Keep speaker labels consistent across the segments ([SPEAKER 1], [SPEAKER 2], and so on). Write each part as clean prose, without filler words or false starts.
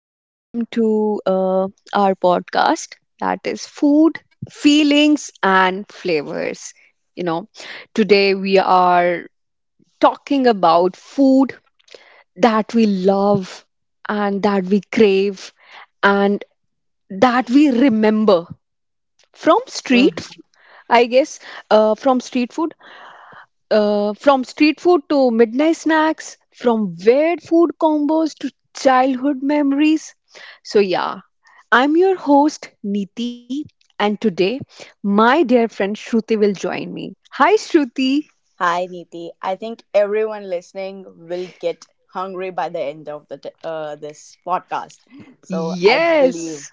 [SPEAKER 1] Welcome to our podcast that is Food, Feelings, and Flavors. You know, today we are talking about food that we love and that we crave and that we remember from street,
[SPEAKER 2] Mhm.
[SPEAKER 1] I guess, uh, from street food from street food to midnight snacks, from weird food combos to childhood memories. So, yeah, I'm your host, Neeti, and today my dear friend Shruti will join me. Hi, Shruti.
[SPEAKER 2] Hi, Neeti. I think everyone listening will get hungry by the end of this podcast. So I believe.
[SPEAKER 1] Yes,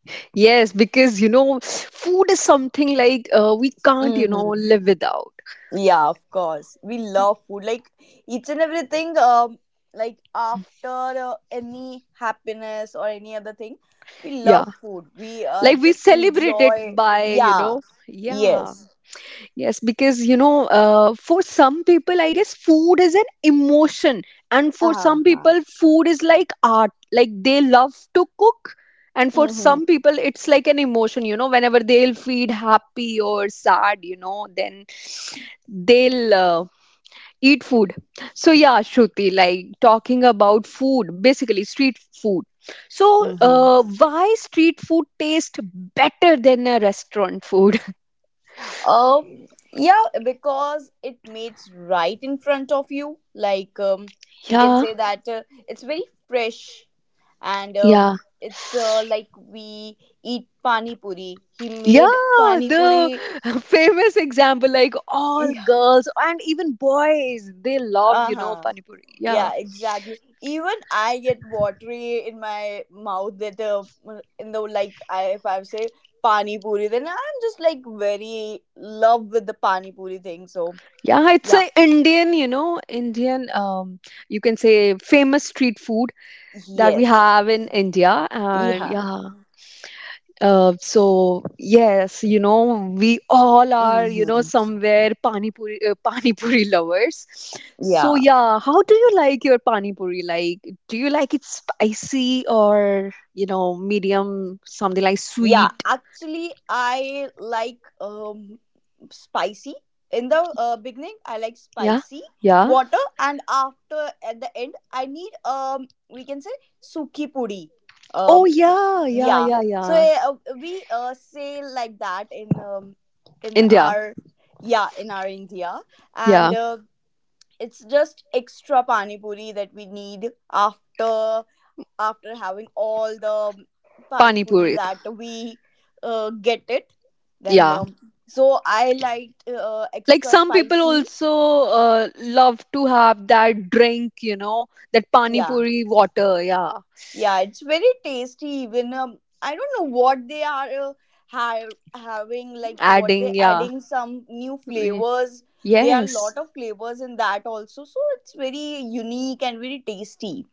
[SPEAKER 1] yes, because you know, food is something like we can't,
[SPEAKER 2] Hmm.
[SPEAKER 1] live without.
[SPEAKER 2] Yeah, of course. We love food, like each and everything. Like after any happiness or any other thing, we
[SPEAKER 1] Yeah,
[SPEAKER 2] love food. We
[SPEAKER 1] like we
[SPEAKER 2] just
[SPEAKER 1] celebrate it
[SPEAKER 2] enjoy.
[SPEAKER 1] by, you
[SPEAKER 2] Yeah.
[SPEAKER 1] know, yeah.
[SPEAKER 2] Yes.
[SPEAKER 1] Yes, because you know, for some people, I guess food is an emotion, and for
[SPEAKER 2] Uh-huh.
[SPEAKER 1] some
[SPEAKER 2] Uh-huh.
[SPEAKER 1] people, food is like art. Like they love to cook, and for
[SPEAKER 2] Mm-hmm.
[SPEAKER 1] some people, it's like an emotion. You know, whenever they'll feel happy or sad, you know, then they'll eat food. So yeah, Shruti, like talking about food, basically street food. So,
[SPEAKER 2] Mm-hmm.
[SPEAKER 1] why street food tastes better than a restaurant food?
[SPEAKER 2] Um, yeah, because it meets right in front of you. Like, we can
[SPEAKER 1] Yeah,
[SPEAKER 2] say that it's very fresh, and
[SPEAKER 1] yeah.
[SPEAKER 2] it's like we eat pani puri. He made
[SPEAKER 1] Yeah,
[SPEAKER 2] pani
[SPEAKER 1] the
[SPEAKER 2] puri.
[SPEAKER 1] famous example, like all
[SPEAKER 2] Yeah.
[SPEAKER 1] girls and even boys, they love,
[SPEAKER 2] Uh
[SPEAKER 1] you know,
[SPEAKER 2] huh.
[SPEAKER 1] pani puri. Yeah,
[SPEAKER 2] Yeah, exactly. Even I get watery in my mouth that in the like I if I say pani puri, then I'm just like very love with the pani puri thing. So
[SPEAKER 1] yeah, it's
[SPEAKER 2] yeah,
[SPEAKER 1] a Indian, you know, you can say famous street food that we
[SPEAKER 2] yes.
[SPEAKER 1] have in India, and
[SPEAKER 2] Yeah.
[SPEAKER 1] yeah, So yes, you know, we all are, you know,
[SPEAKER 2] Hmm.
[SPEAKER 1] somewhere pani puri lovers. So
[SPEAKER 2] Yeah.
[SPEAKER 1] yeah, how do you like your pani puri? Like, do you like it spicy or, you know, medium, something like
[SPEAKER 2] Yeah.
[SPEAKER 1] sweet?
[SPEAKER 2] Actually, I like spicy. In the beginning, I like
[SPEAKER 1] Yeah,
[SPEAKER 2] spicy
[SPEAKER 1] yeah.
[SPEAKER 2] water, and after at the end, I need we can say suki puri.
[SPEAKER 1] Oh
[SPEAKER 2] Um,
[SPEAKER 1] yeah, yeah,
[SPEAKER 2] yeah.
[SPEAKER 1] yeah,
[SPEAKER 2] So
[SPEAKER 1] yeah.
[SPEAKER 2] we say like that in
[SPEAKER 1] India,
[SPEAKER 2] our, yeah, in our India, and
[SPEAKER 1] yeah.
[SPEAKER 2] it's just extra pani puri that we need after having all the pani
[SPEAKER 1] Pani
[SPEAKER 2] puris
[SPEAKER 1] puri,
[SPEAKER 2] that we get it, then
[SPEAKER 1] yeah.
[SPEAKER 2] so I like
[SPEAKER 1] Like
[SPEAKER 2] extra
[SPEAKER 1] some people
[SPEAKER 2] spicy.
[SPEAKER 1] also love to have that drink, you know, that pani
[SPEAKER 2] Yeah,
[SPEAKER 1] puri water, yeah.
[SPEAKER 2] yeah, it's very tasty. Even I don't know what they are having, like what they
[SPEAKER 1] Adding, yeah.
[SPEAKER 2] adding some new
[SPEAKER 1] Ye-
[SPEAKER 2] flavors. There are a
[SPEAKER 1] Yes.
[SPEAKER 2] lot of flavors in that also, so it's very unique and very tasty.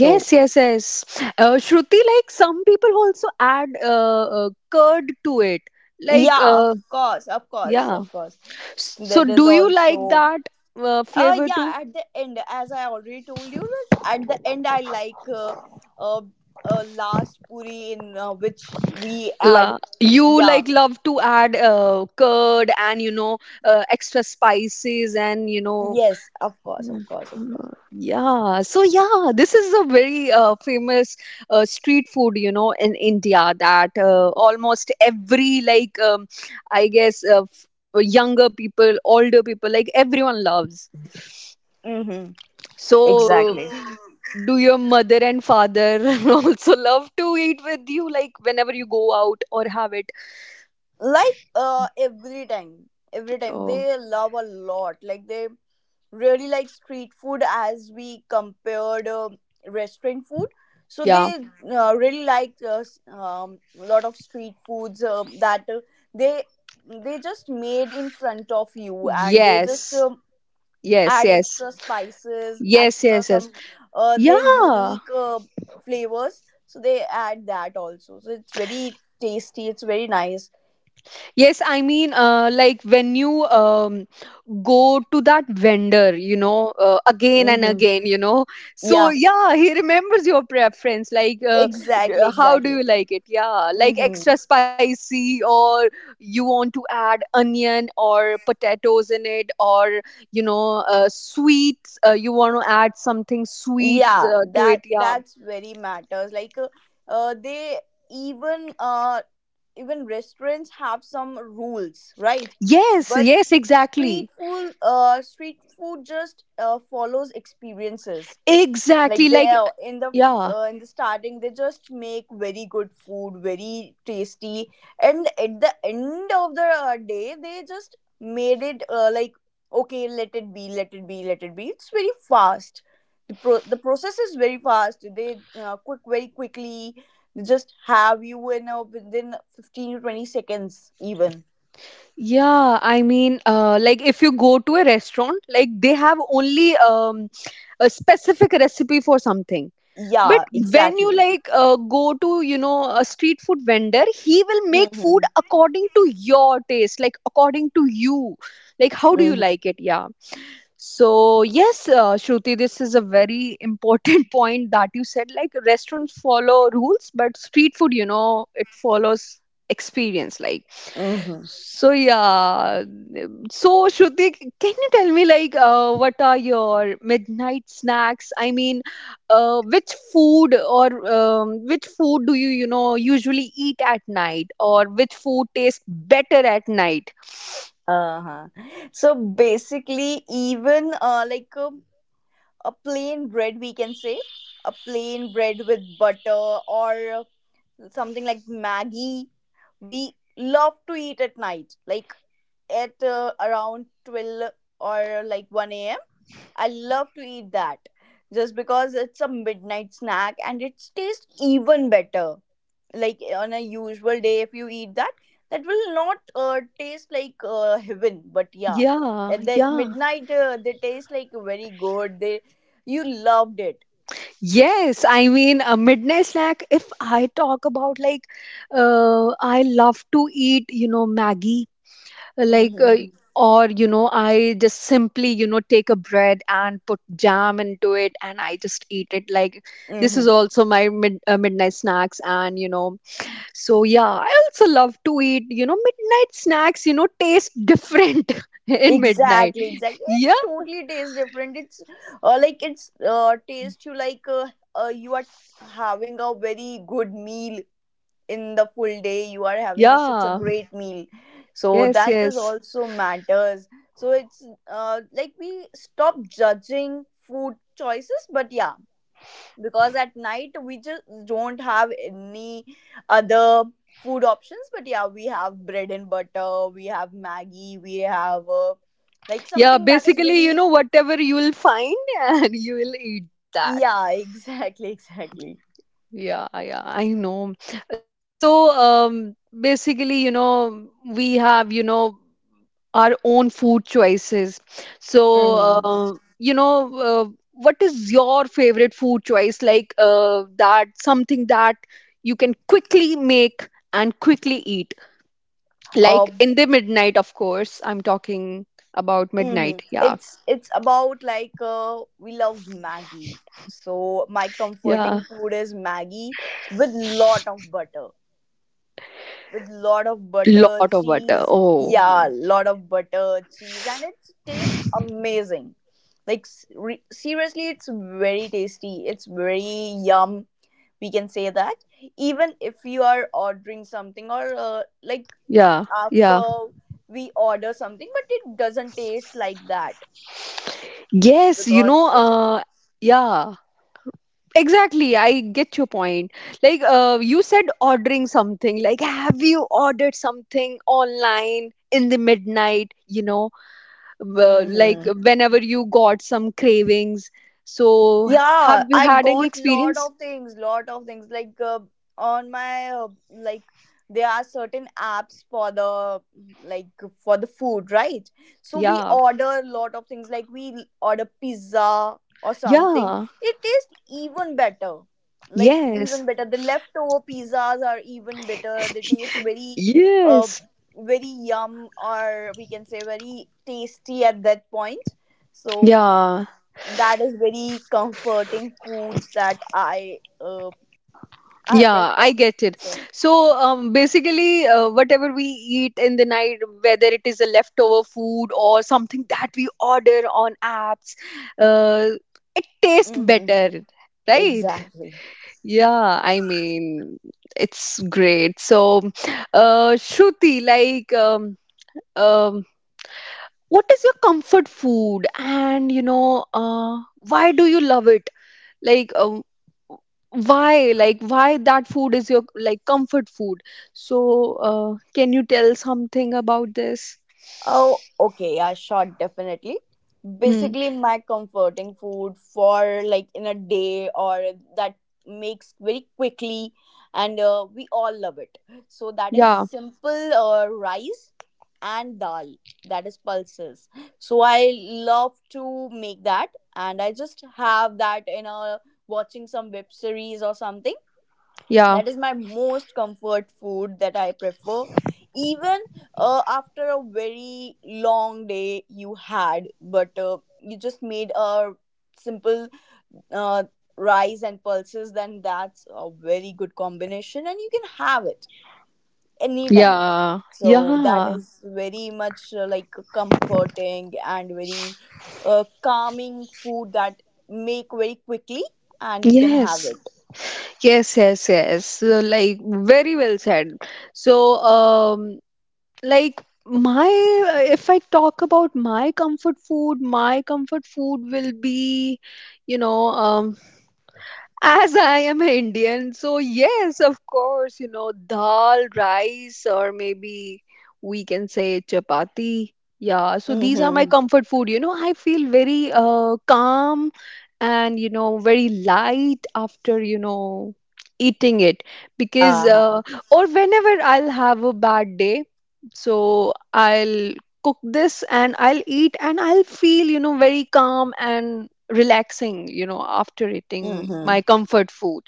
[SPEAKER 2] So
[SPEAKER 1] yes, yes. Shruti, like some people also add curd to it. Like,
[SPEAKER 2] yeah, of course, of course,
[SPEAKER 1] yeah.
[SPEAKER 2] of course.
[SPEAKER 1] So,
[SPEAKER 2] That is
[SPEAKER 1] do you like
[SPEAKER 2] also.
[SPEAKER 1] that flavor
[SPEAKER 2] Yeah,
[SPEAKER 1] too?
[SPEAKER 2] at the end, as I already told you, that at the end, I like uh, last puri in which we add.
[SPEAKER 1] La, you like
[SPEAKER 2] Yeah.
[SPEAKER 1] love to add curd and you know extra spices and you know.
[SPEAKER 2] Yes, of course, of course, of course.
[SPEAKER 1] Yeah, so yeah, this is a very famous street food, you know, in India that almost every, like, I guess, younger people, older people, like, everyone loves.
[SPEAKER 2] Mm-hmm. Exactly.
[SPEAKER 1] So, do your mother and father also love to eat with you, like, whenever you go out or have it?
[SPEAKER 2] Like every time
[SPEAKER 1] Oh,
[SPEAKER 2] they love a lot, like they really like street food as we compared restaurant food, so
[SPEAKER 1] yeah.
[SPEAKER 2] they really like a lot of street foods that they they just made in front of you, and they just
[SPEAKER 1] Yes, yes,
[SPEAKER 2] add
[SPEAKER 1] yes,
[SPEAKER 2] extra spices,
[SPEAKER 1] yes,
[SPEAKER 2] extra
[SPEAKER 1] yes, yes.
[SPEAKER 2] some their
[SPEAKER 1] Yeah.
[SPEAKER 2] unique flavors, so they add that also, so it's very tasty, it's very nice.
[SPEAKER 1] Yes, I mean, like when you go to that vendor, you know, again and
[SPEAKER 2] Mm-hmm.
[SPEAKER 1] again, you know. So,
[SPEAKER 2] Yeah,
[SPEAKER 1] yeah, he remembers your preference. Like,
[SPEAKER 2] exactly,
[SPEAKER 1] how do
[SPEAKER 2] exactly.
[SPEAKER 1] you like it? Yeah, like
[SPEAKER 2] Mm-hmm.
[SPEAKER 1] extra spicy, or you want to add onion or potatoes in it, or, you know, sweets, you want to add something sweet
[SPEAKER 2] Yeah,
[SPEAKER 1] to it.
[SPEAKER 2] that
[SPEAKER 1] Yeah.
[SPEAKER 2] that's very matters. Like, they even even restaurants have some rules, right?
[SPEAKER 1] Yes,
[SPEAKER 2] But
[SPEAKER 1] yes,
[SPEAKER 2] street
[SPEAKER 1] exactly.
[SPEAKER 2] food, uh, street food just follows experiences.
[SPEAKER 1] Exactly.
[SPEAKER 2] Like they
[SPEAKER 1] Like,
[SPEAKER 2] are in the
[SPEAKER 1] yeah.
[SPEAKER 2] uh, in the starting, they just make very good food, very tasty, and at the end of the day they just made it like, okay, let it be, let it be, let it be, it's very fast. The process is very fast, they quick very quickly, they just have you within 15 to 20 seconds even.
[SPEAKER 1] Yeah, I mean, like if you go to a restaurant, like they have only a specific recipe for something. But
[SPEAKER 2] Yeah,
[SPEAKER 1] when you
[SPEAKER 2] exactly.
[SPEAKER 1] like go to, you know, a street food vendor, he will make food
[SPEAKER 2] Mm-hmm.
[SPEAKER 1] according to your taste, like according to you. Like, how do you
[SPEAKER 2] Mm-hmm.
[SPEAKER 1] like it? Yeah. So, yes, Shruti, this is a very important point that you said. Like, restaurants follow rules, but street food, you know, it follows experience. Like,
[SPEAKER 2] Mm-hmm.
[SPEAKER 1] so yeah, so Shruti, can you tell me like what are your midnight snacks? I mean, which food or which food do you you know usually eat at night, or which food tastes better at night?
[SPEAKER 2] Uh-huh. So basically, even like a plain bread, we can say a plain bread with butter or something like Maggie, we love to eat at night, like at around 12 or like 1 a.m. I love to eat that just because it's a midnight snack and it tastes even better. Like, on a usual day, if you eat that will not taste like heaven, but yeah,
[SPEAKER 1] Yeah,
[SPEAKER 2] at that
[SPEAKER 1] yeah.
[SPEAKER 2] midnight, they taste like very good, they you loved it.
[SPEAKER 1] Yes, I mean a midnight snack. If I talk about like, I love to eat you know Maggie like,
[SPEAKER 2] Mm-hmm.
[SPEAKER 1] or you know I just simply you know take a bread and put jam into it and I just eat it like this is
[SPEAKER 2] Mm-hmm.
[SPEAKER 1] also my midnight snacks and you know so yeah I also love to eat you know midnight snacks you know taste different in midnight
[SPEAKER 2] Exactly, exactly. It's
[SPEAKER 1] yeah
[SPEAKER 2] totally tastes different. It's like it's taste, you like you are having a very good meal in the full day, you are having such a
[SPEAKER 1] yeah
[SPEAKER 2] great meal, so
[SPEAKER 1] yes
[SPEAKER 2] that is
[SPEAKER 1] yes
[SPEAKER 2] also matters. So it's like we stop judging food choices, but yeah, because at night we just don't have any other food options, but yeah, we have bread and butter, we have Maggie, we have like
[SPEAKER 1] yeah
[SPEAKER 2] something that is
[SPEAKER 1] basically you
[SPEAKER 2] very.
[SPEAKER 1] know whatever you will find and you will eat that.
[SPEAKER 2] Yeah, exactly, exactly.
[SPEAKER 1] Yeah, yeah, I know. So, basically, you know, we have, you know, our own food choices. So,
[SPEAKER 2] Mm-hmm.
[SPEAKER 1] what is your favorite food choice? Like, that something that you can quickly make and quickly eat.
[SPEAKER 2] Uh,
[SPEAKER 1] Like in the midnight, of course. I'm talking about midnight. Yeah,
[SPEAKER 2] it's about like we love Maggie. So my comforting
[SPEAKER 1] yeah.
[SPEAKER 2] food is Maggie with lot of butter,
[SPEAKER 1] Lot of butter.
[SPEAKER 2] cheese.
[SPEAKER 1] Oh,
[SPEAKER 2] Yeah, lot of butter, cheese, and it tastes amazing. Like seriously, it's very tasty. It's very yum. We can say that even if you are ordering something or like,
[SPEAKER 1] yeah, yeah.
[SPEAKER 2] after we order something, but it doesn't taste like that
[SPEAKER 1] Yes, you
[SPEAKER 2] because
[SPEAKER 1] know,
[SPEAKER 2] it.
[SPEAKER 1] yeah. Exactly, I get your point. Like you said, ordering something. Like, have you ordered something online in the midnight? You know, like
[SPEAKER 2] Mm-hmm.
[SPEAKER 1] whenever you got some cravings. So, have
[SPEAKER 2] Yeah,
[SPEAKER 1] you
[SPEAKER 2] I
[SPEAKER 1] had any
[SPEAKER 2] got lot
[SPEAKER 1] experience?
[SPEAKER 2] of things, lot of things. Like on my like, there are certain apps for the, like food, right? So we
[SPEAKER 1] Yeah,
[SPEAKER 2] order lot of things. Like we order pizza or something.
[SPEAKER 1] yeah,
[SPEAKER 2] It tastes even better. Like,
[SPEAKER 1] yes,
[SPEAKER 2] even better. The leftover pizzas are even better. They taste uh
[SPEAKER 1] yes,
[SPEAKER 2] very yum, or we can say very tasty at that point. So
[SPEAKER 1] yeah.
[SPEAKER 2] that is very comforting foods that I
[SPEAKER 1] Yeah,
[SPEAKER 2] prefer.
[SPEAKER 1] I get it.
[SPEAKER 2] So,
[SPEAKER 1] So basically, whatever we eat in the night, whether it is a leftover food or something that we order on apps, uh, taste
[SPEAKER 2] hmm,
[SPEAKER 1] better, right?
[SPEAKER 2] exactly.
[SPEAKER 1] Yeah, I mean, it's great. So, Shruti, like, um, what is your comfort food? And, you know, why do you love it? Like, why like why that food is your like comfort food, so can you tell something about this?
[SPEAKER 2] Oh, okay, yeah, sure, definitely.
[SPEAKER 1] Hmm,
[SPEAKER 2] Basically, my comforting food for like in a day, or that makes very quickly, and we all love it. So that is
[SPEAKER 1] yeah,
[SPEAKER 2] simple rice and dal. That is pulses. So I love to make that, and I just have that in a, watching some web series or something.
[SPEAKER 1] yeah,
[SPEAKER 2] That is my most comfort food that I prefer. Even after a very long day you had, but you just made a simple uh, rice and pulses, then that's a very good combination and you can have it anytime.
[SPEAKER 1] yeah,
[SPEAKER 2] So that
[SPEAKER 1] yeah,
[SPEAKER 2] is very much like comforting and very calming food that make very quickly and you can have
[SPEAKER 1] yes,
[SPEAKER 2] it.
[SPEAKER 1] yes, yes, yes, so, like very well said. So um, like my, if I talk about my comfort food, my comfort food will be you know um, as I am Indian, so yes, of course, you know, dal, rice, or maybe we can say chapati. Yeah, so these are my
[SPEAKER 2] Mm-hmm.
[SPEAKER 1] comfort food. You know, I feel very calm and, you know, very light after, you know, eating it because,
[SPEAKER 2] Uh-huh.
[SPEAKER 1] or whenever I'll have a bad day, so I'll cook this and I'll eat and I'll feel, you know, very calm and relaxing you know after eating
[SPEAKER 2] Mm-hmm.
[SPEAKER 1] my comfort food.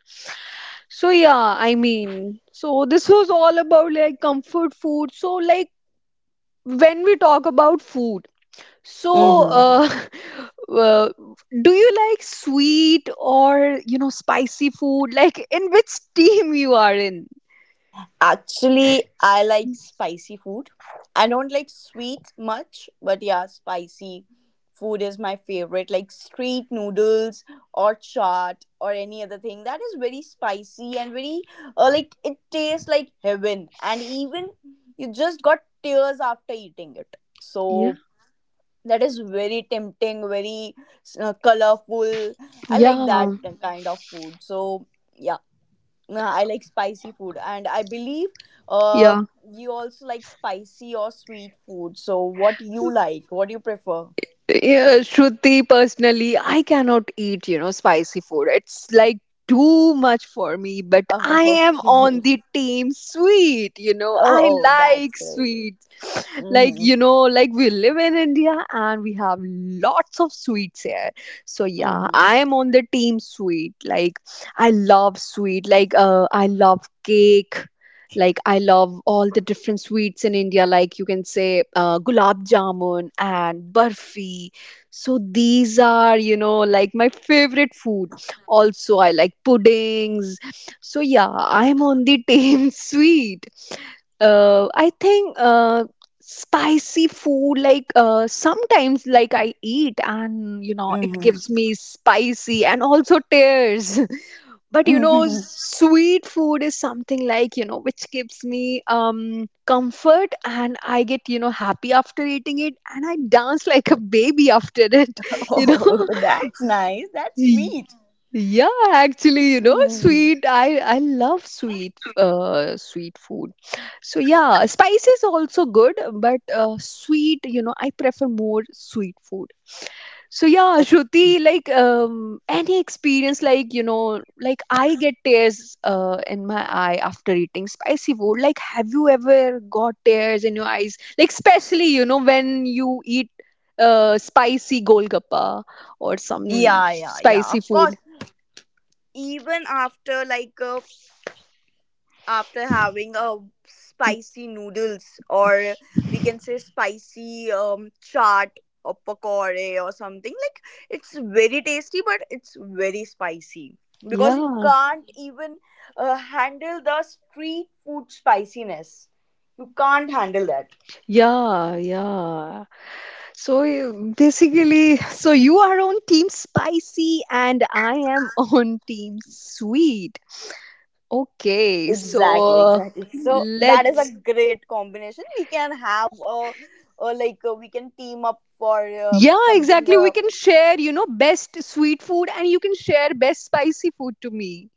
[SPEAKER 1] So yeah, I mean, so this was all about like comfort food. So like when we talk about food, so
[SPEAKER 2] Mm-hmm.
[SPEAKER 1] uh do you like sweet or you know spicy food, like in which team you are in?
[SPEAKER 2] Actually, I like spicy food. I don't like sweet much, but yeah, spicy food is my favorite. Like street noodles or chaat or any other thing that is very spicy and very like it tastes like heaven. And even you just got tears after eating it.
[SPEAKER 1] Yeah.
[SPEAKER 2] So that is very tempting, very colorful. I like that
[SPEAKER 1] Yeah,
[SPEAKER 2] kind of food. So I like spicy food, and I believe uh,
[SPEAKER 1] yeah.
[SPEAKER 2] you also like spicy or sweet food. So, what you like? What do you prefer?
[SPEAKER 1] Yeah, Shruti, personally, I cannot eat, you know, spicy food. It's like too much for me, but
[SPEAKER 2] Oh,
[SPEAKER 1] I am on
[SPEAKER 2] okay.
[SPEAKER 1] the team sweet, you know. I
[SPEAKER 2] Oh, that's
[SPEAKER 1] like
[SPEAKER 2] great.
[SPEAKER 1] sweets. Like,
[SPEAKER 2] Mm-hmm.
[SPEAKER 1] you know, like we live in India and we have lots of sweets here. So yeah,
[SPEAKER 2] Mm-hmm.
[SPEAKER 1] I am on the team sweet. Like I love sweet. Like I love cake. Like I love all the different sweets in India, like you can say gulab jamun and barfi. So these are, you know, like my favorite food. Also, I like puddings. So yeah, I'm on the team sweet. I think spicy food sometimes like I eat and you know it gives me spicy and also tears. But you know
[SPEAKER 2] Mm-hmm.
[SPEAKER 1] sweet food is something like you know which gives me comfort and I get you know happy after eating it and I dance like a baby after it you know.
[SPEAKER 2] Oh, that's nice. That's
[SPEAKER 1] Y-
[SPEAKER 2] sweet.
[SPEAKER 1] yeah, actually you know
[SPEAKER 2] Mm-hmm.
[SPEAKER 1] sweet, I love sweet food. So yeah, spice is also good, but sweet you know I prefer more sweet food. So yeah, Shruti, like any experience, like you know, like I get tears in my eye after eating spicy food. Like, have you ever got tears in your eyes? Like, especially you know when you eat spicy golgappa or some
[SPEAKER 2] Yeah, yeah, yeah.
[SPEAKER 1] spicy
[SPEAKER 2] Of course,
[SPEAKER 1] food.
[SPEAKER 2] even after like after having a spicy noodles, or we can say spicy chaat or pakore or something like, it's very tasty but it's very spicy, because you
[SPEAKER 1] Yeah,
[SPEAKER 2] can't even handle the street food spiciness, you can't handle that.
[SPEAKER 1] yeah, yeah. So basically, so you are on team spicy and I am on team sweet. Okay,
[SPEAKER 2] Exactly,
[SPEAKER 1] so
[SPEAKER 2] exactly, so that is a
[SPEAKER 1] let's.
[SPEAKER 2] great combination, we can have a, like we can team up for
[SPEAKER 1] Yeah,
[SPEAKER 2] something,
[SPEAKER 1] exactly. We can share, you know, best sweet food and you can share best spicy food to me.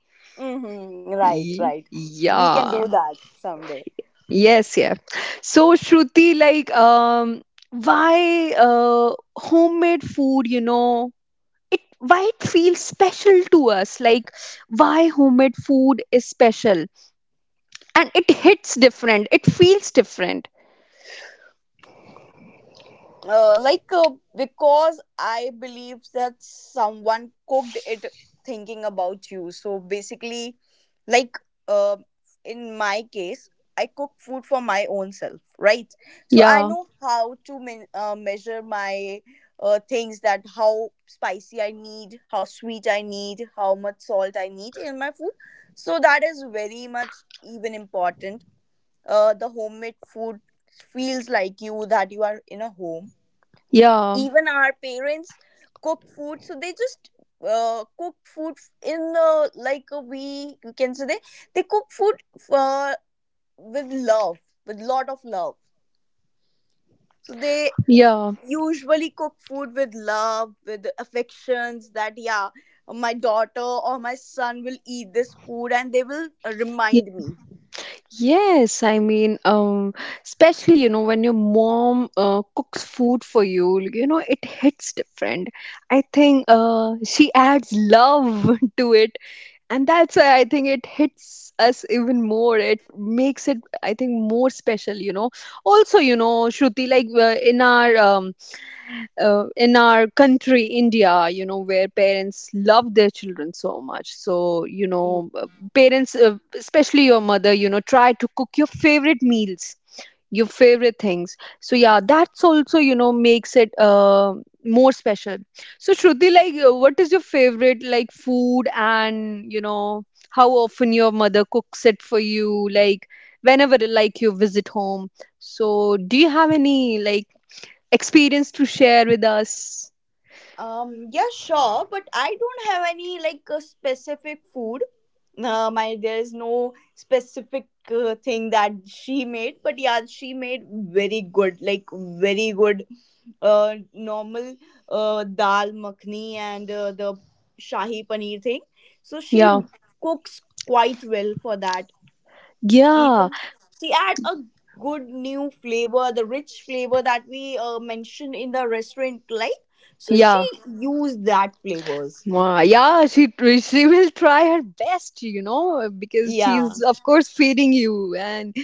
[SPEAKER 2] Mm-hmm. Right, right. We can
[SPEAKER 1] Yeah.
[SPEAKER 2] do that someday.
[SPEAKER 1] Yes, yeah. So Shruti, like, why homemade food, you know, it why it feels special to us? Like, why homemade food is special? And it hits different. It feels different.
[SPEAKER 2] Like, because I believe that someone cooked it thinking about you. So basically, like uh, in my case, I cook food for my own self, right? So I
[SPEAKER 1] Yeah,
[SPEAKER 2] know how to measure my things, that how spicy I need, how sweet I need, how much salt I need in my food. So that is very much even important, the homemade food feels like you, that you are in a home.
[SPEAKER 1] yeah,
[SPEAKER 2] Even our parents cook food, so they just cook food in like a, we can say they cook food uh, with love, with lot of love, so they
[SPEAKER 1] yeah,
[SPEAKER 2] usually cook food with love, with affections, that yeah, my daughter or my son will eat this food and they will remind me.
[SPEAKER 1] yes, I mean, especially, you know, when your mom cooks food for you, you know, it hits different. I think she adds love to it. And that's why I think it hits us even more. It makes it, I think, more special, you know. Also, you know, Shruti, like in our country India, you know where parents love their children so much, so you know parents especially your mother you know try to cook your favorite meals, your favorite things, so yeah that's also you know makes it more special. So Shruti, like what is your favorite like food and you know how often your mother cooks it for you, like whenever like you visit home, so do you have any like experience to share with us.
[SPEAKER 2] Yeah, sure, but I don't have any like a specific food. My There is no specific thing that she made, but yeah, she made very good, like very good, normal, dal makhni, and the shahi paneer thing. So she
[SPEAKER 1] Yeah.
[SPEAKER 2] cooks quite well for that.
[SPEAKER 1] Yeah,
[SPEAKER 2] Even she add a good new flavor, the rich flavor that we mentioned in the restaurant, like, so she
[SPEAKER 1] yeah.
[SPEAKER 2] used that flavors.
[SPEAKER 1] Yeah, she will try her best, you know, because
[SPEAKER 2] Yeah,
[SPEAKER 1] she's of course feeding you, and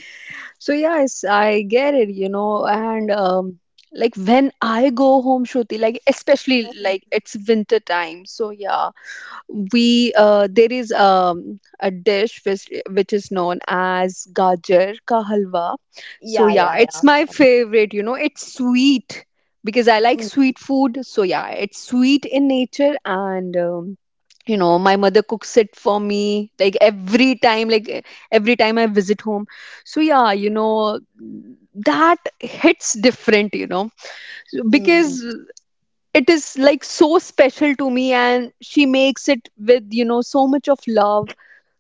[SPEAKER 1] so yes, I get it, you know, and like when I go home, Shruti, like especially like it's winter time, so yeah, we there is a dish which is known as gajar ka halwa. So
[SPEAKER 2] yeah,
[SPEAKER 1] yeah,
[SPEAKER 2] yeah, yeah,
[SPEAKER 1] it's
[SPEAKER 2] of
[SPEAKER 1] my
[SPEAKER 2] course.
[SPEAKER 1] favorite, you know, it's sweet because I like
[SPEAKER 2] Mm,
[SPEAKER 1] sweet food. So yeah, it's sweet in nature and you know, my mother cooks it for me like every time, like every time I visit home. So yeah, you know, that hits different, you know, because
[SPEAKER 2] mhm.
[SPEAKER 1] it is like so special to me, and she makes it with, you know, so much of love.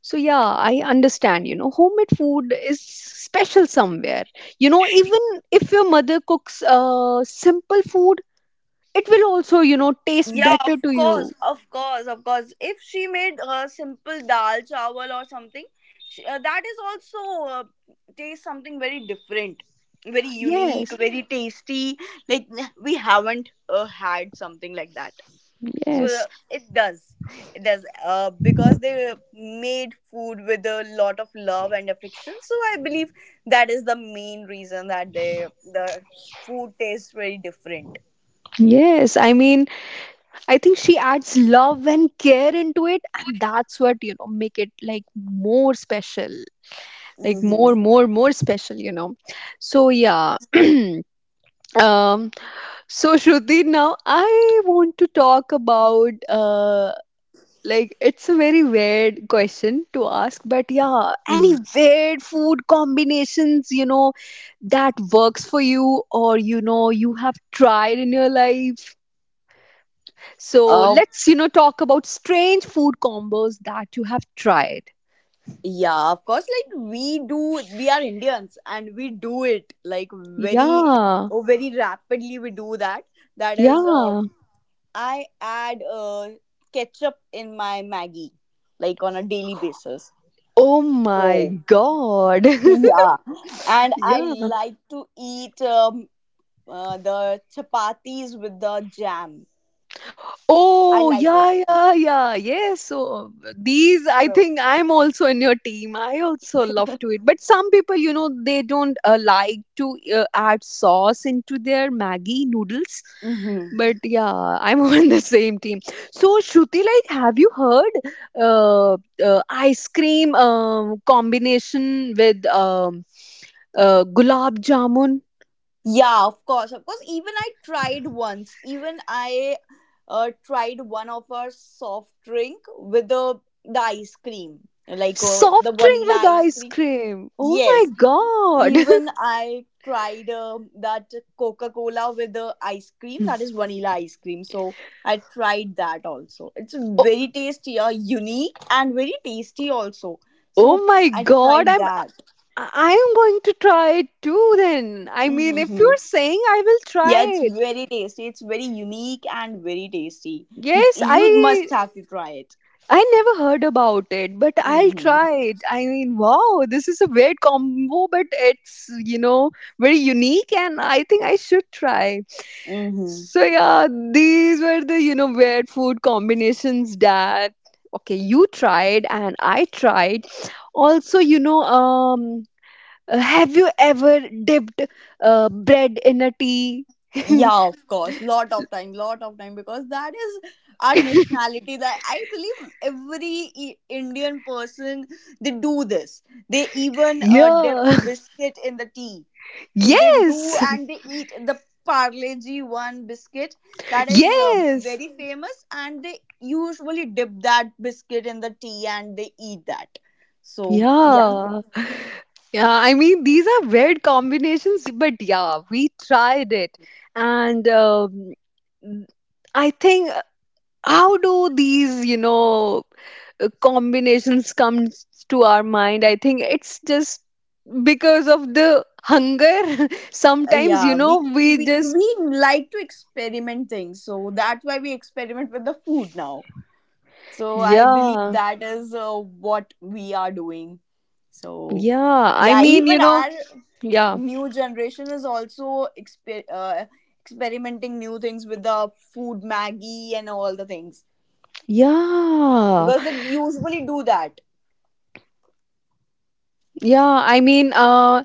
[SPEAKER 1] So yeah, I understand, you know, homemade food is special somewhere, you know. Even if your mother cooks simple food, it will also, you know, taste
[SPEAKER 2] Yeah,
[SPEAKER 1] better
[SPEAKER 2] of
[SPEAKER 1] to you.
[SPEAKER 2] course, of course, of course, if she made a simple dal chawal or something, that is also taste something very different, very unique,
[SPEAKER 1] Yes,
[SPEAKER 2] very tasty. Like we haven't had something like that. So
[SPEAKER 1] yes,
[SPEAKER 2] it does. It does. Because they made food with a lot of love and affection. So I believe that is the main reason that the food tastes very different.
[SPEAKER 1] yes. I mean, I think she adds love and care into it, and that's what, you know, make it like more special. Like more
[SPEAKER 2] Mm-hmm.
[SPEAKER 1] more more special, you know. So yeah. um so Shruti, now I want to talk about like it's a very weird question to ask, but yeah, any
[SPEAKER 2] hmm
[SPEAKER 1] weird food combinations, you know, that works for you, or you know, you have tried in your life. So
[SPEAKER 2] Uh,
[SPEAKER 1] let's, you know, talk about strange food combos that you have tried.
[SPEAKER 2] yeah, of course. Like we are Indians and we do it like very,
[SPEAKER 1] Yeah,
[SPEAKER 2] oh, very rapidly. We do that. That is,
[SPEAKER 1] yeah.
[SPEAKER 2] I add ketchup in my Maggie, like on a daily basis.
[SPEAKER 1] Oh my
[SPEAKER 2] So.
[SPEAKER 1] god.
[SPEAKER 2] Yeah, and I
[SPEAKER 1] Yeah.
[SPEAKER 2] like to eat the chapatis with the jam. I
[SPEAKER 1] Oh,
[SPEAKER 2] like
[SPEAKER 1] yeah,
[SPEAKER 2] it.
[SPEAKER 1] yeah, yeah. Yes. So these, I
[SPEAKER 2] So,
[SPEAKER 1] think I'm also in your team. I also love to eat. But some people, you know, they don't like to add sauce into their Maggie noodles.
[SPEAKER 2] hmm,
[SPEAKER 1] But yeah, I'm on the same team. So, Shruti, like, have you heard uh, ice cream combination with gulab jamun?
[SPEAKER 2] yeah, of course, of course. Even I tried once. Even I tried one of our soft drink with the ice cream, like the
[SPEAKER 1] Soft drink with
[SPEAKER 2] vanilla ice
[SPEAKER 1] ice
[SPEAKER 2] cream.
[SPEAKER 1] cream. Oh
[SPEAKER 2] Yes,
[SPEAKER 1] my God.
[SPEAKER 2] even I tried that Coca Cola with the ice cream, that is vanilla ice cream. So I tried that also. It's very tasty, unique, and very tasty also. So
[SPEAKER 1] Oh my
[SPEAKER 2] I
[SPEAKER 1] god,
[SPEAKER 2] tried
[SPEAKER 1] I'm
[SPEAKER 2] that.
[SPEAKER 1] I am going to try it too then. I mean, if you're
[SPEAKER 2] Hmm,
[SPEAKER 1] saying I will try
[SPEAKER 2] yeah, it's
[SPEAKER 1] it.
[SPEAKER 2] very tasty. It's very unique and very tasty. You
[SPEAKER 1] Yes,
[SPEAKER 2] you must have to try it.
[SPEAKER 1] I never heard about it, but I'll
[SPEAKER 2] Mm-hmm.
[SPEAKER 1] try it. I mean, wow, this is a weird combo, but it's, you know, very unique and I think I should try.
[SPEAKER 2] Mm-hmm.
[SPEAKER 1] So yeah, these were the, you know, weird food combinations that okay, you tried and I tried. Also, you know, have you ever dipped bread in a tea?
[SPEAKER 2] Yeah, of course. Lot of time, because that is our nationality. That I believe every Indian person they do this. They even dip
[SPEAKER 1] Yeah.
[SPEAKER 2] biscuit in the tea. So they do
[SPEAKER 1] Yes.
[SPEAKER 2] and they eat the Parle-G one biscuit that is
[SPEAKER 1] Yes.
[SPEAKER 2] very famous, and they usually dip that biscuit in the tea and they eat that. So yeah.
[SPEAKER 1] Yeah. Yeah. I mean, these are weird combinations, but yeah, we tried it. And I think, how do these, you know, combinations come to our mind? I think it's just because of the hunger. Sometimes, you
[SPEAKER 2] Yeah,
[SPEAKER 1] know,
[SPEAKER 2] we,
[SPEAKER 1] we
[SPEAKER 2] we
[SPEAKER 1] just,
[SPEAKER 2] we like to experiment things, so that's why we experiment with the food now. So I believe
[SPEAKER 1] yeah.
[SPEAKER 2] that is what we are doing. So
[SPEAKER 1] Yeah, I
[SPEAKER 2] yeah,
[SPEAKER 1] mean, you
[SPEAKER 2] even
[SPEAKER 1] know,
[SPEAKER 2] our
[SPEAKER 1] yeah,
[SPEAKER 2] new generation is also experimenting new things with the food Maggie and all the things
[SPEAKER 1] yeah,
[SPEAKER 2] because they usually do that.
[SPEAKER 1] yeah. I mean, uh,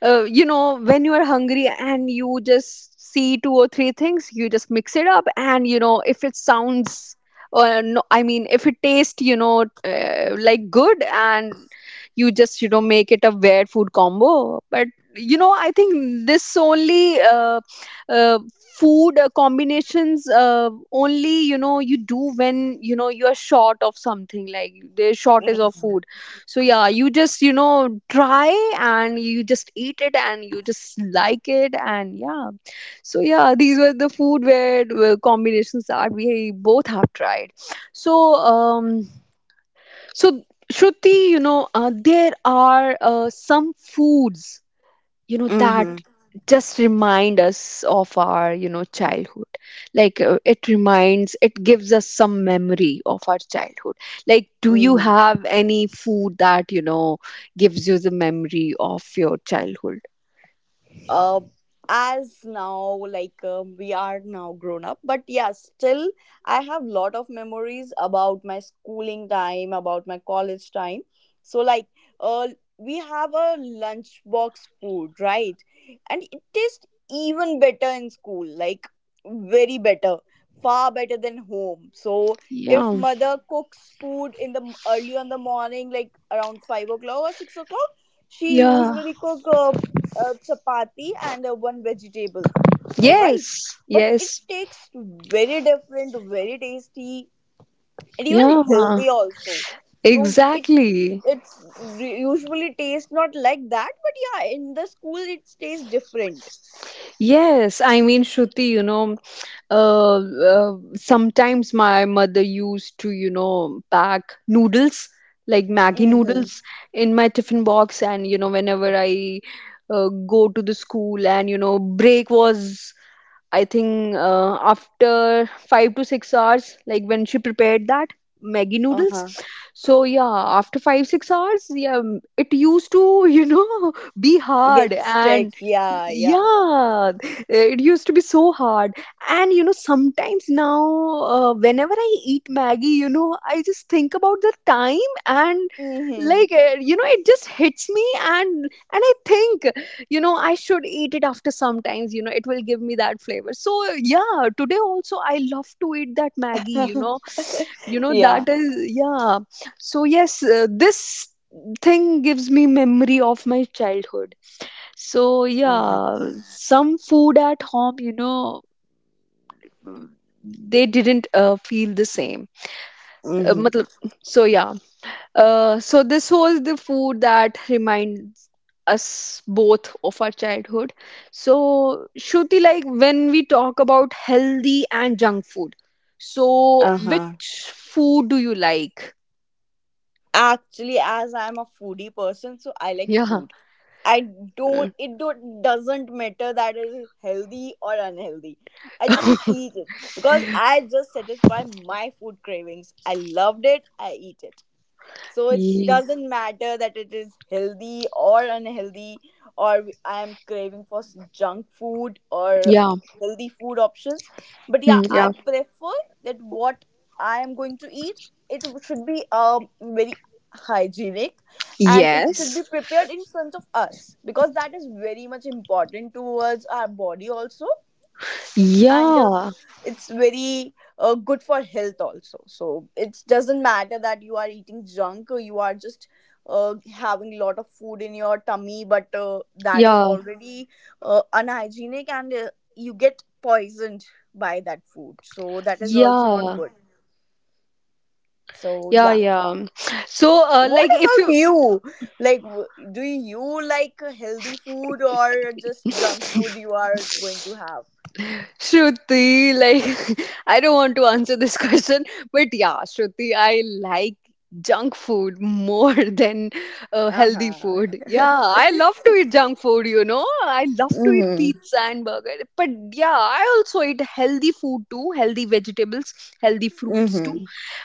[SPEAKER 1] uh, you know, when you are hungry and you just see two or three things, you just mix it up, and you know, if it sounds no, I mean, if it tastes, you know, like good, and you just, you know, make it a weird food combo. But you know, I think this only uh, food combinations only, you know, you do when you know you are short of something, like there's shortage of food. So yeah, you just, you know, try and you just eat it and you just like it, and yeah. So yeah, these were the food where were combinations that we both have tried. So um, so Shruti, you know, there are some foods, you know,
[SPEAKER 2] Mm-hmm.
[SPEAKER 1] that just remind us of our, you know, childhood. Like it reminds, it gives us some memory of our childhood. Like, do you
[SPEAKER 2] Hmm.
[SPEAKER 1] have any food that, you know, gives you the memory of your childhood?
[SPEAKER 2] uh, as now, like, we are now grown up, but yeah, still I have lot of memories about my schooling time, about my college time. So like, uh, we have a lunchbox food, right? And it tastes even better in school, like very better, far better than home. So if
[SPEAKER 1] Yeah,
[SPEAKER 2] mother cooks food in the early on the morning, like around 5 o'clock or 6 o'clock, she
[SPEAKER 1] yeah.
[SPEAKER 2] usually cook chapati and one vegetable. All right.
[SPEAKER 1] Yes,
[SPEAKER 2] But it
[SPEAKER 1] yes.
[SPEAKER 2] takes very different, very tasty, and even
[SPEAKER 1] Yeah,
[SPEAKER 2] healthy also. So it
[SPEAKER 1] exactly.
[SPEAKER 2] it's re- usually tastes not like that, but yeah, in the school it tastes different.
[SPEAKER 1] Yes, I mean, Shruti, you know, sometimes my mother used to, you know, pack noodles, like Maggie
[SPEAKER 2] Mm-hmm.
[SPEAKER 1] noodles, in my tiffin box. And, you know, whenever I go to the school and, you know, break was I think after 5 to 6 hours, like when she prepared that Maggie noodles.
[SPEAKER 2] Uh-huh.
[SPEAKER 1] So yeah, after 5 6 hours, yeah, it used to, you know, be hard,
[SPEAKER 2] Gets sick.
[SPEAKER 1] and
[SPEAKER 2] Yeah, yeah.
[SPEAKER 1] yeah, it used to be so hard. And you know, sometimes now, whenever I eat Maggie, you know, I just think about the time, and
[SPEAKER 2] Mm-hmm.
[SPEAKER 1] like you know, it just hits me, and I think, you know, I should eat it after sometimes, you know, it will give me that flavor. So yeah, today also I love to eat that Maggie, you know, you know
[SPEAKER 2] Yeah.
[SPEAKER 1] that is, yeah. So yes, this thing gives me memory of my childhood. So
[SPEAKER 2] Mm-hmm.
[SPEAKER 1] yeah, some food at home, you know, they didn't feel the same,
[SPEAKER 2] Mm-hmm.
[SPEAKER 1] matlab, so yeah. So this was the food that reminds us both of our childhood. So Shruti, like, when we talk about healthy and junk food, so
[SPEAKER 2] Uh-huh.
[SPEAKER 1] which food do you like?
[SPEAKER 2] Actually, as I'm a foodie person, so I like
[SPEAKER 1] Yeah.
[SPEAKER 2] food. I
[SPEAKER 1] Uh,
[SPEAKER 2] don't it don't doesn't matter that it is healthy or unhealthy. I just eat it because I just satisfy my food cravings. I loved it, I eat it. So it
[SPEAKER 1] ye-
[SPEAKER 2] doesn't matter that it is healthy or unhealthy, or I am craving for junk food or
[SPEAKER 1] Yeah.
[SPEAKER 2] healthy food options. But yeah,
[SPEAKER 1] Hmm,
[SPEAKER 2] I
[SPEAKER 1] yeah.
[SPEAKER 2] prefer that what I am going to eat, it should be very hygienic, and it should
[SPEAKER 1] Yes.
[SPEAKER 2] be prepared in front of us because that is very much important towards our body also. And mhm,
[SPEAKER 1] Yeah.
[SPEAKER 2] it's very good for health also. So it doesn't matter that you are eating junk or you are just having a lot of food in your tummy, but that is
[SPEAKER 1] Yeah.
[SPEAKER 2] already unhygienic and you get poisoned by that food, so that is also not
[SPEAKER 1] Yeah.
[SPEAKER 2] good. So
[SPEAKER 1] Yeah.
[SPEAKER 2] yeah,
[SPEAKER 1] Yeah. So,
[SPEAKER 2] what
[SPEAKER 1] like, if
[SPEAKER 2] about
[SPEAKER 1] you
[SPEAKER 2] you, like, do you like healthy food or just junk food you are going to have?
[SPEAKER 1] Shruti, like, I don't want to answer this question, but yeah, Shruti, I like junk food more than healthy
[SPEAKER 2] Uh-huh.
[SPEAKER 1] food. Yeah, I love to eat junk food, you know. I love to eat
[SPEAKER 2] Mm-hmm.
[SPEAKER 1] pizza and burger, but yeah, I also eat healthy food too, healthy vegetables, healthy fruits too,
[SPEAKER 2] Mm-hmm.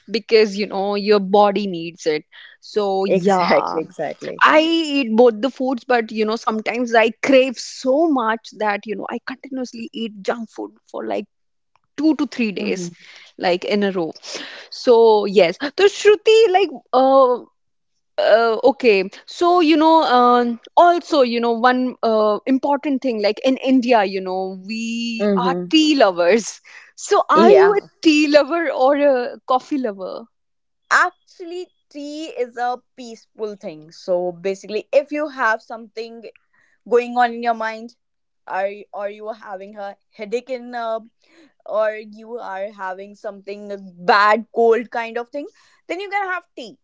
[SPEAKER 1] because you know, your body needs it. So yeah,
[SPEAKER 2] Exactly, exactly.
[SPEAKER 1] I eat both the foods, but you know, sometimes I crave so much that you know, I continuously eat junk food for like 2 to 3 days,
[SPEAKER 2] Mm-hmm.
[SPEAKER 1] like in a row. So yes, so Shruti, like uh, okay, so you know, also you know, one important thing, like in India, you know, we are
[SPEAKER 2] Mm-hmm.
[SPEAKER 1] tea lovers. So are you
[SPEAKER 2] Yeah.
[SPEAKER 1] a tea lover or a coffee lover?
[SPEAKER 2] Actually, tea is a peaceful thing. So basically, if you have something going on in your mind, are, or you are having a headache in, or you are having something bad, cold kind of thing, then you can have tea.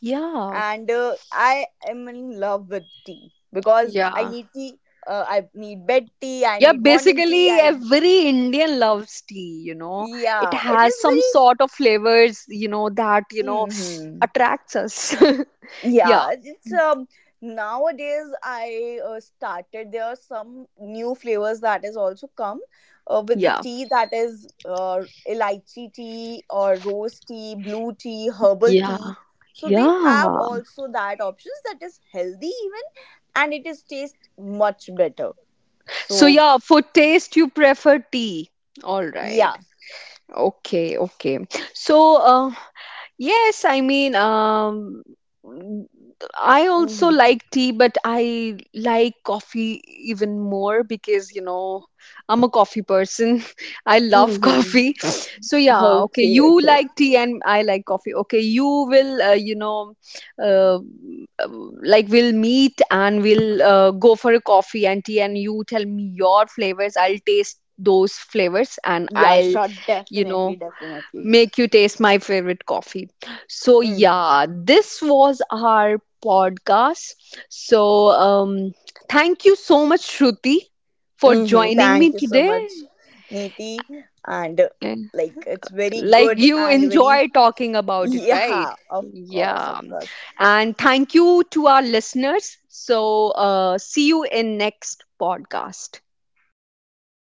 [SPEAKER 1] Yeah,
[SPEAKER 2] And I am in love with tea because I
[SPEAKER 1] yeah,
[SPEAKER 2] need tea. I need bed tea. I
[SPEAKER 1] yeah,
[SPEAKER 2] need morning tea.
[SPEAKER 1] basically
[SPEAKER 2] I
[SPEAKER 1] every Indian loves tea, you know. It
[SPEAKER 2] yeah, it
[SPEAKER 1] has
[SPEAKER 2] is
[SPEAKER 1] some
[SPEAKER 2] very.
[SPEAKER 1] sort of flavors, you know, that you know,
[SPEAKER 2] Mm-hmm.
[SPEAKER 1] attracts us. Yeah.
[SPEAKER 2] Yeah, it's nowadays I started, there are some new flavors that has also come with the
[SPEAKER 1] Yeah.
[SPEAKER 2] tea, that is elaichi tea or rose tea, blue tea, herbal
[SPEAKER 1] Yeah.
[SPEAKER 2] tea. So they have
[SPEAKER 1] Yeah.
[SPEAKER 2] also that options that is healthy even, and it is taste much better.
[SPEAKER 1] So
[SPEAKER 2] So
[SPEAKER 1] yeah, for taste you prefer tea. All right.
[SPEAKER 2] yeah.
[SPEAKER 1] Okay, okay. So yes, I mean, mm, I also
[SPEAKER 2] Mm-hmm.
[SPEAKER 1] like tea, but I like coffee even more because, you know, I'm a coffee person. I love
[SPEAKER 2] Mm-hmm.
[SPEAKER 1] coffee. So, yeah, okay,
[SPEAKER 2] Okay,
[SPEAKER 1] you
[SPEAKER 2] okay.
[SPEAKER 1] like tea and I like coffee. Okay, you will, you know, uh, like, we'll meet and we'll go for a coffee and tea, and you tell me your flavors. I'll taste those flavors and
[SPEAKER 2] Yeah,
[SPEAKER 1] I'll,
[SPEAKER 2] sure,
[SPEAKER 1] you
[SPEAKER 2] definitely,
[SPEAKER 1] know,
[SPEAKER 2] definitely.
[SPEAKER 1] make you taste my favorite coffee. So,
[SPEAKER 2] Hmm.
[SPEAKER 1] yeah, this was our podcast. So, thank you so much, Shruti, for
[SPEAKER 2] Mm-hmm.
[SPEAKER 1] joining
[SPEAKER 2] Thank
[SPEAKER 1] me
[SPEAKER 2] you so
[SPEAKER 1] today.
[SPEAKER 2] much, Neeti. And
[SPEAKER 1] Eh,
[SPEAKER 2] like, it's very
[SPEAKER 1] like,
[SPEAKER 2] good
[SPEAKER 1] you
[SPEAKER 2] and very,
[SPEAKER 1] enjoy talking about it, right?
[SPEAKER 2] yeah, of course, of
[SPEAKER 1] Yeah.
[SPEAKER 2] course.
[SPEAKER 1] And thank you to our listeners. So, see you in next podcast.
[SPEAKER 2] Mm-hmm.